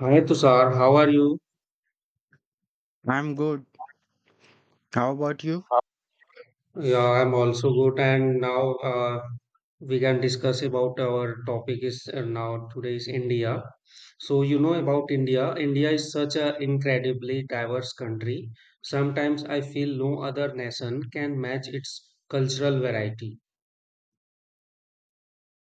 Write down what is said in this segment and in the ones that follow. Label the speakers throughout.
Speaker 1: Hi Tushar, how are you?
Speaker 2: I'm good. How about you?
Speaker 1: Yeah, I'm also good. And now we can discuss about our topic is now today is India. So you know about India. India is such an incredibly diverse country. Sometimes I feel no other nation can match its cultural variety.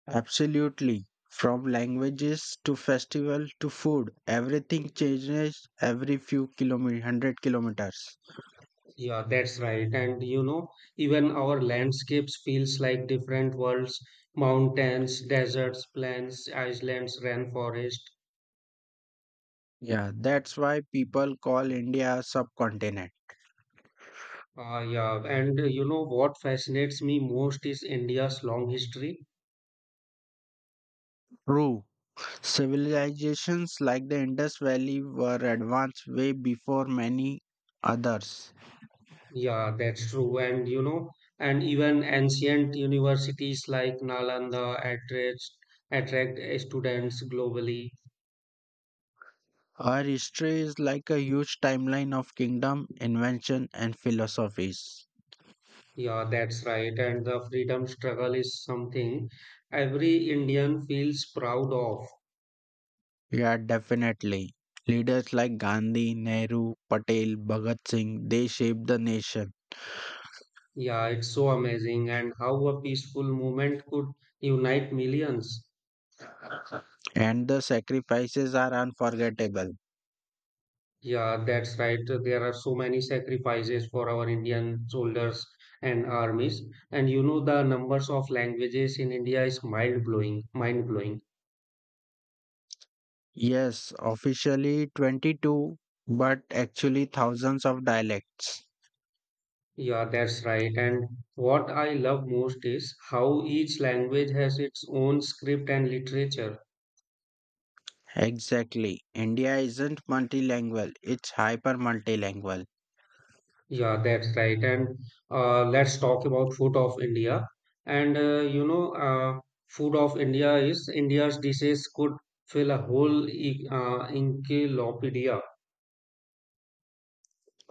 Speaker 2: Absolutely. From languages to festival to food, everything changes every few kilometers, 100 kilometers.
Speaker 1: Yeah, that's right. And even our landscapes feels like different worlds, mountains, deserts, plains, islands, rainforest.
Speaker 2: Yeah, that's why people call India a subcontinent.
Speaker 1: Yeah, and you know what fascinates me most is India's long history.
Speaker 2: True. Civilizations like the Indus Valley were advanced way before many others.
Speaker 1: Yeah, that's true. And and even ancient universities like Nalanda attract students globally.
Speaker 2: Our history is like a huge timeline of kingdom, invention, and philosophies.
Speaker 1: Yeah, that's right. And the freedom struggle is something every Indian feels proud of.
Speaker 2: Yeah, definitely. Leaders like Gandhi, Nehru, Patel, Bhagat Singh, they shaped the nation,
Speaker 1: Yeah, it's so amazing. And how a peaceful movement could unite millions.
Speaker 2: and the sacrifices are unforgettable.
Speaker 1: Yeah, that's right. There are so many sacrifices for our Indian soldiers and armies. And you know the numbers of languages in India is mind blowing, mind blowing.
Speaker 2: Yes, officially 22, but actually thousands of dialects.
Speaker 1: Yeah, that's right. And what I love most is how each language has its own script and literature.
Speaker 2: Exactly. India isn't multilingual, it's hyper multilingual.
Speaker 1: Yeah, that's right. And let's talk about food of India. And food of India is India's dishes could fill a whole encyclopedia.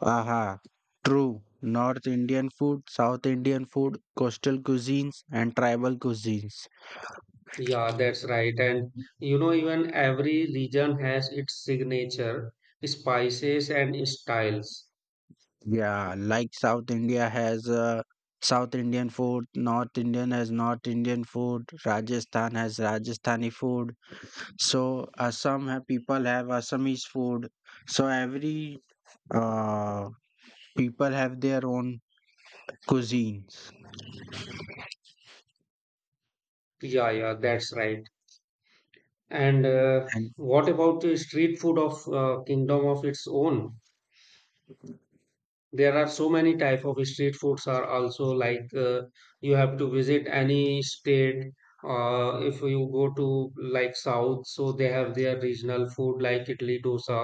Speaker 2: Aha, true. North Indian food, South Indian food, coastal cuisines, and tribal cuisines.
Speaker 1: Yeah, that's right. And even every region has its signature spices and styles.
Speaker 2: Yeah, like South India has South Indian food, North Indian has North Indian food, Rajasthan has Rajasthani food. So Assam people have Assamese food. So every uh, people have their own cuisines.
Speaker 1: Yeah, yeah, that's right. And
Speaker 2: And
Speaker 1: what about the street food of kingdom of its own? There are so many type of street foods are also like you have to visit any state if you go to like south, so they have their regional food like idli dosa.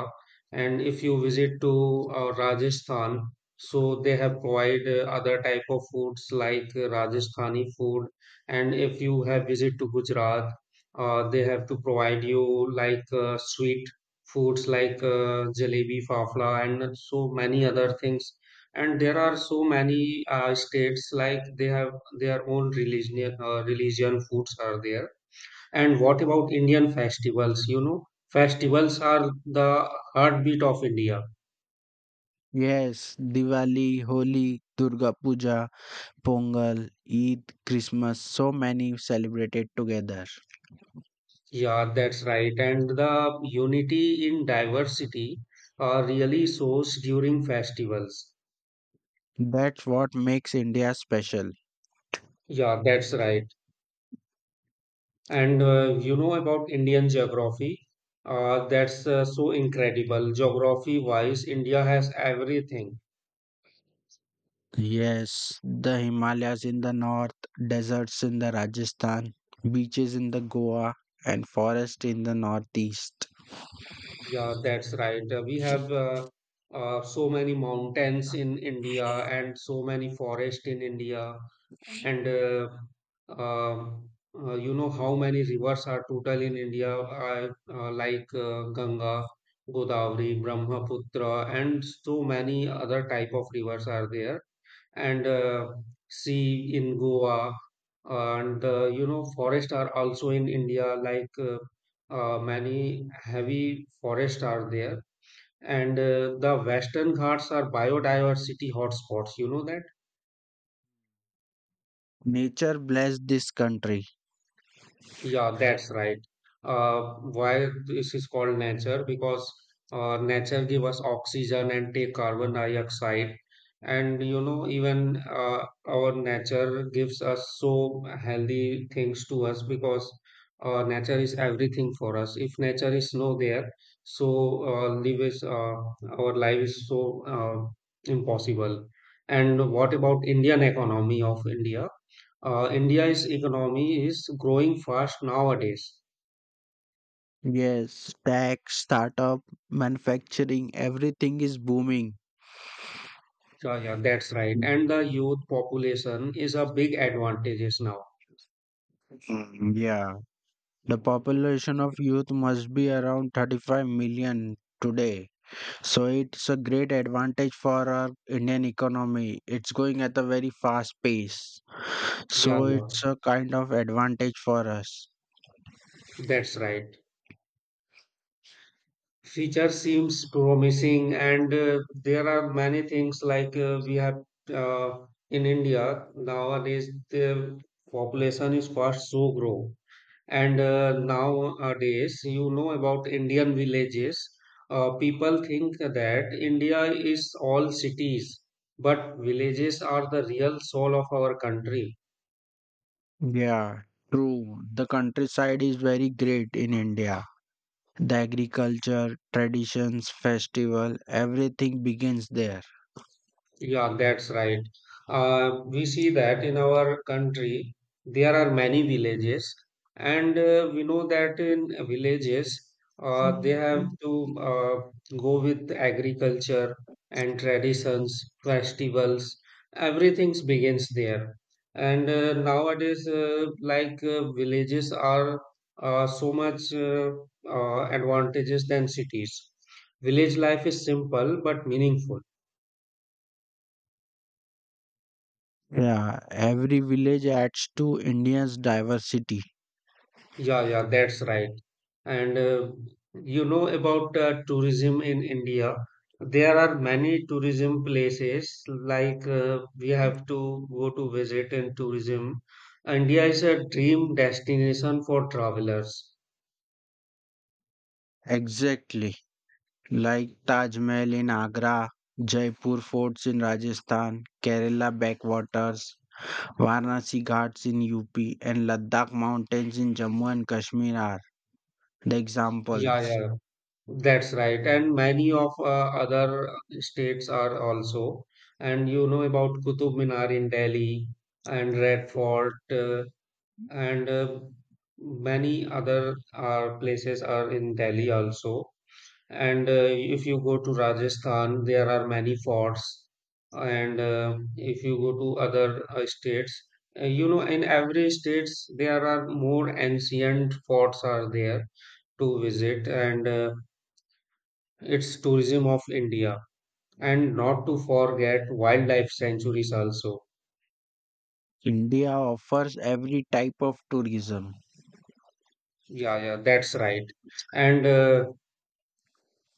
Speaker 1: And if you visit to Rajasthan, so they have provide other type of foods like Rajasthani food. And if you have visit to Gujarat, they have to provide you like sweet foods like jalebi, fafla, and so many other things. And there are so many states like they have their own religion foods are there. And what about Indian festivals? You know, festivals are the heartbeat of India.
Speaker 2: yes, Diwali, Holi, Durga Puja, Pongal, Eid, Christmas, so many celebrated together.
Speaker 1: Yeah, that's right. And the unity in diversity really shows during festivals.
Speaker 2: That's what makes India special.
Speaker 1: Yeah, that's right. And you know about Indian geography. That's so incredible. Geography wise, India has everything.
Speaker 2: Yes, the Himalayas in the north, deserts in the Rajasthan, beaches in the Goa, and forest in the northeast.
Speaker 1: Yeah, that's right. We have so many mountains in India and so many forests in India, and um, you know how many rivers are total in India, like Ganga, Godavari, Brahmaputra, and so many other type of rivers are there. And sea in Goa. And you know forests are also in India. Like many heavy forests are there. And the Western Ghats are biodiversity hotspots. You know that.
Speaker 2: Nature blessed this country.
Speaker 1: Yeah, that's right. Why this is called nature? Because nature give us oxygen and take carbon dioxide, and you know even our nature gives us so healthy things to us because nature is everything for us. If nature is no there, so live is our life is so impossible. And what about Indian economy of India? India's economy is growing fast nowadays.
Speaker 2: Yes, tech, startup, manufacturing, everything is booming.
Speaker 1: Yeah, yeah, that's right. And the youth population is a big advantage now.
Speaker 2: Mm, yeah, the population of youth must be around 35 million today. So it's a great advantage for our Indian economy. It's going at a very fast pace.
Speaker 1: Yeah,
Speaker 2: So
Speaker 1: yeah,
Speaker 2: it's a kind of advantage for us.
Speaker 1: that's right. Future seems promising, and there are many things like we have uh, in India nowadays. The population is fast so grow. And nowadays, you know about Indian villages. People think that India is all cities, but villages are the real soul of our country.
Speaker 2: Yeah, true. The countryside is very great in India. The agriculture, traditions, festival, everything begins there.
Speaker 1: Yeah, that's right. We see that in our country, there are many villages, and we know that in villages, they have to go with agriculture and traditions, festivals, everything begins there. And nowadays, like villages are so much advantages than cities. Village life is simple but meaningful.
Speaker 2: Yeah, every village adds to India's diversity.
Speaker 1: Yeah, yeah, that's right. And you know about tourism in India. There are many tourism places like we have to go to visit in tourism. India is a dream destination for travelers.
Speaker 2: Exactly. Like Taj Mahal in Agra, Jaipur forts in Rajasthan, Kerala backwaters, Varanasi Ghats in UP and Ladakh mountains in Jammu and Kashmir are the
Speaker 1: Yeah,
Speaker 2: examples.
Speaker 1: yeah, that's right. And many of other states are also. And you know about Qutub Minar in Delhi and Red Fort, and many other places are in Delhi also. And if you go to Rajasthan, there are many forts. And if you go to other states, you know, in every states there are more ancient forts are there to visit, and it's tourism of India. And not to forget wildlife sanctuaries also.
Speaker 2: India offers every type of tourism.
Speaker 1: Yeah, yeah, that's right. And uh,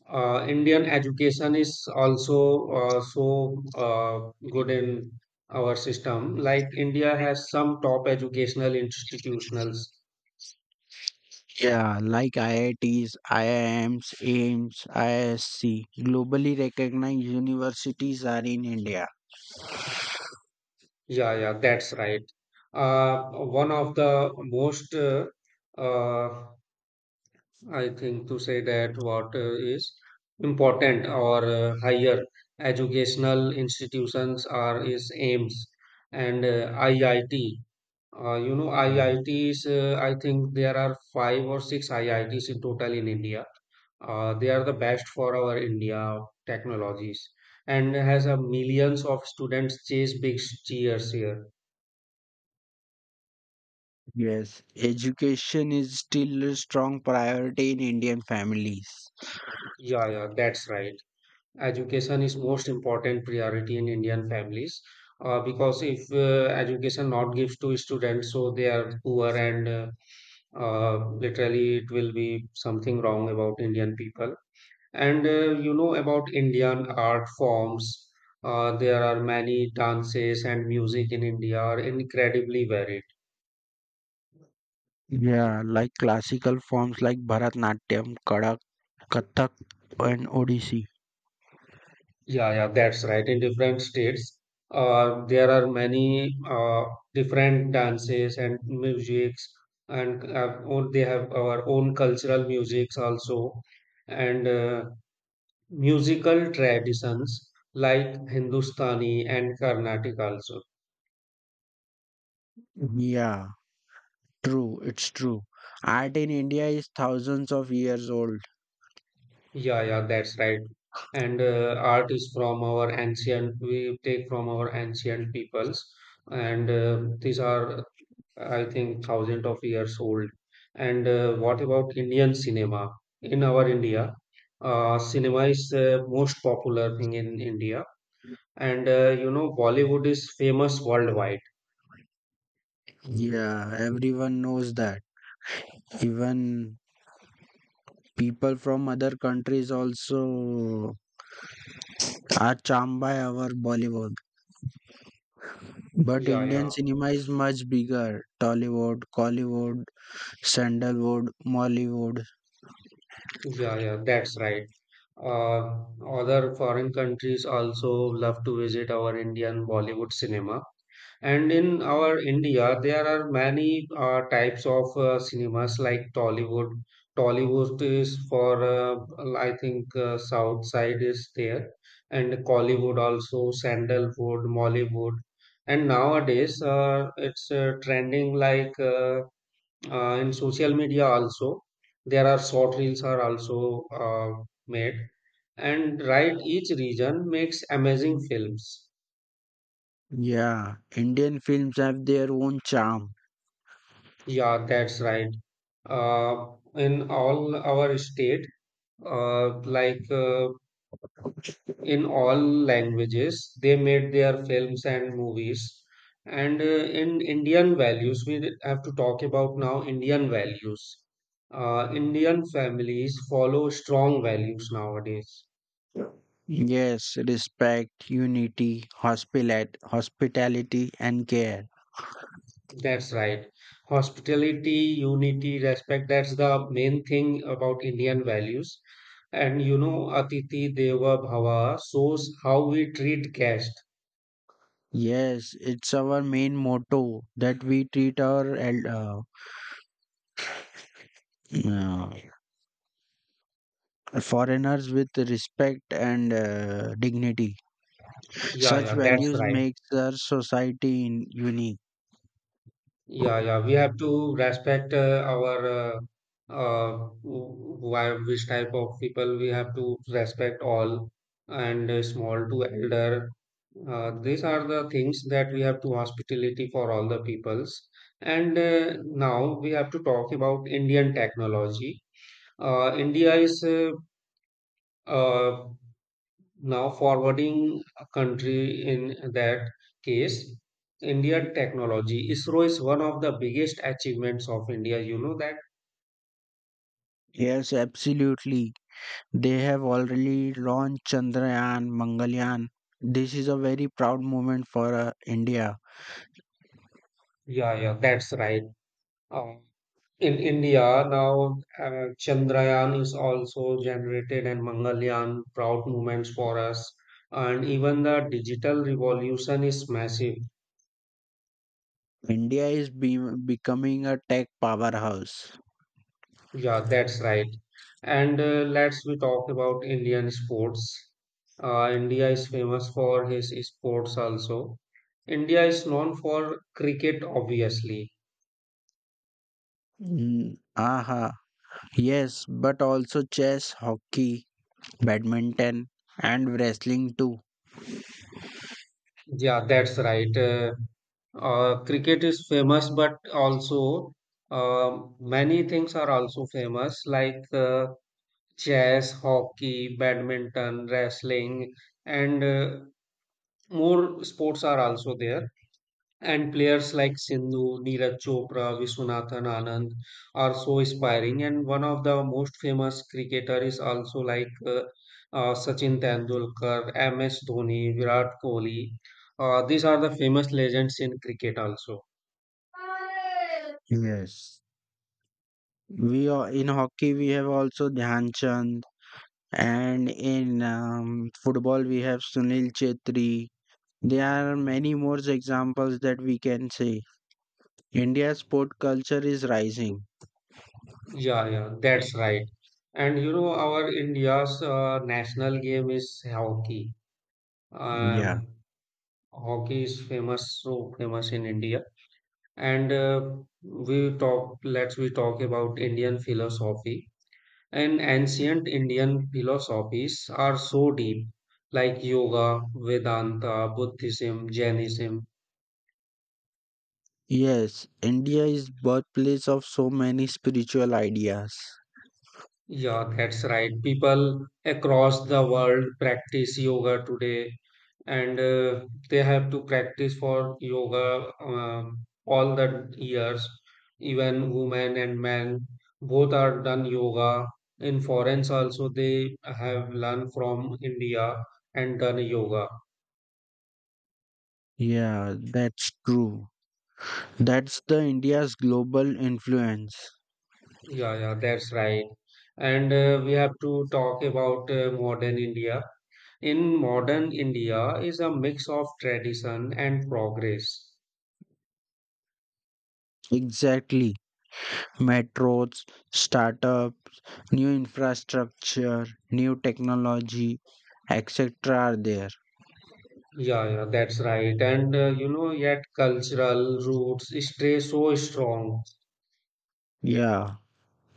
Speaker 1: uh, Indian education is also so good in our system. Like India has some top educational institutionals.
Speaker 2: Yeah, like IITs, IIMs, AIMS, IISC. Globally recognized universities are in India.
Speaker 1: Yeah, yeah, that's right. One of the most, uh, I think, to say that what is important or higher educational institutions are is AIMS and IIT. You know,
Speaker 2: Mm.
Speaker 1: IITs, I think there are five or six IITs in total in India. They are the best for our India technologies and has a millions of students chase big cheers here.
Speaker 2: Yes, education is still a strong priority in Indian families.
Speaker 1: Yeah, yeah, that's right. Education is most important priority in Indian families, because if education not gives to students, so they are poor and literally it will be something wrong about Indian people. And you know about Indian art forms. There are many dances and music in India are incredibly varied.
Speaker 2: Yeah, like classical forms like Bharatnatyam, Kadak, Kathak, and Odissi.
Speaker 1: Yeah, yeah, that's right. In different states, there are many different dances and musics, and or they have our own cultural musics also, and musical traditions like Hindustani and Carnatic also.
Speaker 2: Yeah, true, it's true. Art in India is thousands of years old.
Speaker 1: Yeah, yeah, that's right. And art is from our ancient, we take from our ancient peoples, and these are, I think, thousands of years old. And what about Indian cinema? In our India, cinema is the most popular thing in India, and you know, Bollywood is famous worldwide.
Speaker 2: Yeah, everyone knows that. Even people from other countries also are charmed by our Bollywood. But
Speaker 1: Yeah, yeah,
Speaker 2: Indian cinema is much bigger. Tollywood, Collywood, Sandalwood, Mollywood.
Speaker 1: yeah, yeah, that's right. Other foreign countries also love to visit our Indian Bollywood cinema. And in our India, there are many types of cinemas like Tollywood. Tollywood is for, I think, South side is there, and Collywood also, Sandalwood, Mollywood. And nowadays, it's trending like in social media also. There are short reels are also made, and right, each region makes amazing films.
Speaker 2: Yeah, Indian films have their own charm.
Speaker 1: Yeah, that's right. In all our state, like in all languages, they made their films and movies. And in Indian values, we have to talk about now Indian values. Indian families follow strong values nowadays.
Speaker 2: Yes, respect, unity, hospitality, and care.
Speaker 1: That's right. Hospitality, unity, respect, that's the main thing about Indian values. And you know, Atiti Deva Bhava shows how we treat guests.
Speaker 2: Yes, it's our main motto that we treat our uh, foreigners with respect and dignity.
Speaker 1: Yeah,
Speaker 2: Such
Speaker 1: yeah, that's
Speaker 2: values
Speaker 1: right.
Speaker 2: makes our society unique.
Speaker 1: Yeah, yeah, we have to respect our why which type of people we have to respect all, and small to elder. These are the things that we have to hospitality for all the peoples. And now we have to talk about Indian technology. India is uh, now, forwarding a country in that case, India technology. ISRO is one of the biggest achievements of India. You know that?
Speaker 2: Yes, absolutely. They have already launched Chandrayaan, Mangalyaan. This is a very proud moment for India.
Speaker 1: Yeah, yeah, that's right. Um, in India, now Chandrayaan is also generated and Mangalyaan, proud moments for us. And even the digital revolution is massive.
Speaker 2: India is becoming a tech powerhouse.
Speaker 1: Yeah, that's right. And let's we talk about Indian sports. India is famous for his sports also. India is known for cricket, obviously.
Speaker 2: Mm, aha. Yes, but also chess, hockey, badminton, and wrestling too.
Speaker 1: Yeah, that's right. Cricket is famous, but also many things are also famous like chess, hockey, badminton, wrestling, and more sports are also there. And players like Sindhu, Neeraj Chopra, Viswanathan Anand are so inspiring. And one of the most famous cricketer is also like Sachin Tendulkar, MS Dhoni, Virat Kohli. These are the famous legends in cricket also.
Speaker 2: Yes, we are in hockey. We have also Dhyan Chand, and in football we have Sunil Chetri. There are many more examples that we can say. India's sport culture is rising.
Speaker 1: Yeah, yeah, that's right. And you know, our India's national game is hockey.
Speaker 2: Yeah.
Speaker 1: Um, hockey is famous, so famous in India. And we talk let's we talk about Indian philosophy. And ancient Indian philosophies are so deep, like yoga, vedanta, buddhism, jainism.
Speaker 2: Yes, India is birthplace of so many spiritual ideas.
Speaker 1: Yeah, that's right. People across the world practice yoga today. And they have to practice for yoga all the years, even women and men both are done yoga. In foreigns also, they have learned from India and done yoga.
Speaker 2: Yeah, that's true. That's the India's global influence.
Speaker 1: Yeah, yeah, that's right. And we have to talk about modern India. In modern India is a mix of tradition and progress.
Speaker 2: Exactly. Metros, startups, new infrastructure, new technology, etc. are there.
Speaker 1: Yeah, yeah, that's right. And you know, yet cultural roots stay so strong.
Speaker 2: Yeah,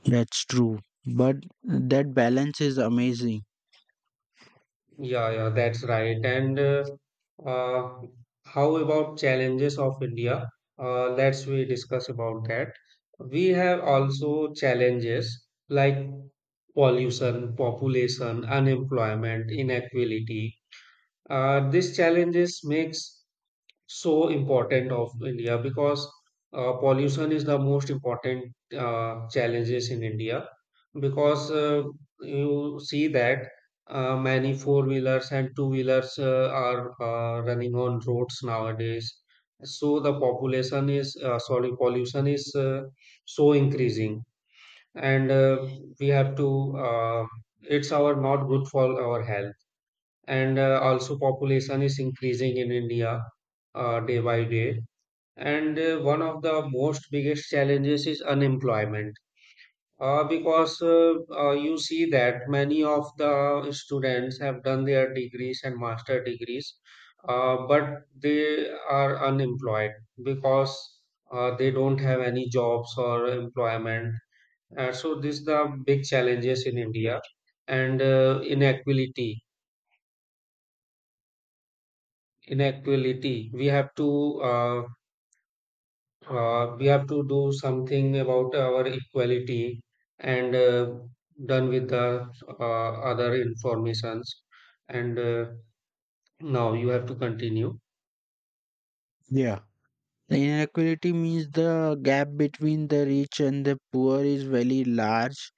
Speaker 2: that's true. But that balance is amazing.
Speaker 1: Yeah, yeah, that's right. And uh, how about challenges of India? Let's we discuss about that. We have also challenges like pollution, population, unemployment, inequality. These challenges makes so important of India because pollution is the most important challenges in India because you see that many four wheelers and two wheelers are running on roads nowadays. So the population is sorry pollution is so increasing. And we have to it's our not good for our health. And also population is increasing in India day by day. And one of the most biggest challenges is unemployment, because you see that many of the students have done their degrees and master degrees, but they are unemployed because they don't have any jobs or employment. So this the big challenges in India. And inequality, uh, we have to do something about our equality. And done with the other informations. And now you have to continue.
Speaker 2: Yeah. The inequality means the gap between the rich and the poor is very large.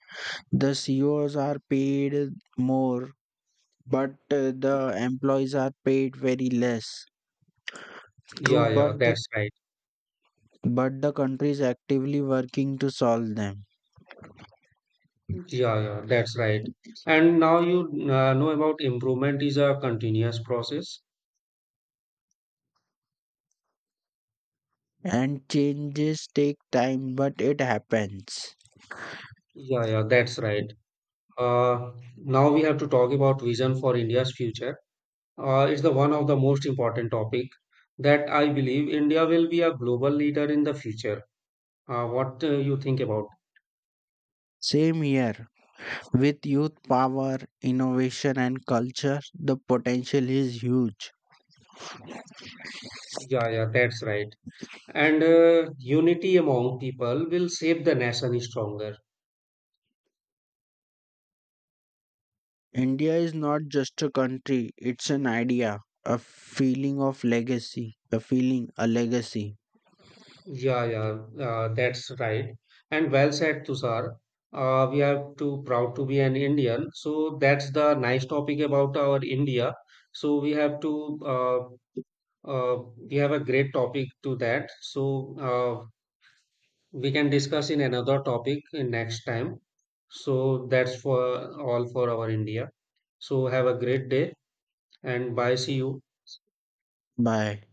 Speaker 2: The CEOs are paid more, but the employees are paid very less. True,
Speaker 1: Yeah, yeah,
Speaker 2: but
Speaker 1: that's right.
Speaker 2: the country is actively working to solve them.
Speaker 1: Yeah, yeah, that's right. And now you know about improvement is a continuous process.
Speaker 2: And changes take time, but it happens.
Speaker 1: Yeah, yeah, that's right. uh, Now we have to talk about vision for India's future, is the one of the most important topic that I believe India will be a global leader in the future. What you think about?
Speaker 2: Same here, with youth power, innovation, and culture, the potential is huge.
Speaker 1: Yeah, yeah, that's right. And unity among people will shape the nation stronger.
Speaker 2: India is not just a country, it's an idea, a feeling of legacy, a legacy.
Speaker 1: Yeah, yeah, that's right. And well said, Tushar. We are too proud to be an Indian. So that's the nice topic about our India. So uh, we have a great topic to that. So we can discuss in another topic in next time. So that's for all for our India. So have a great day and bye. See you.
Speaker 2: Bye.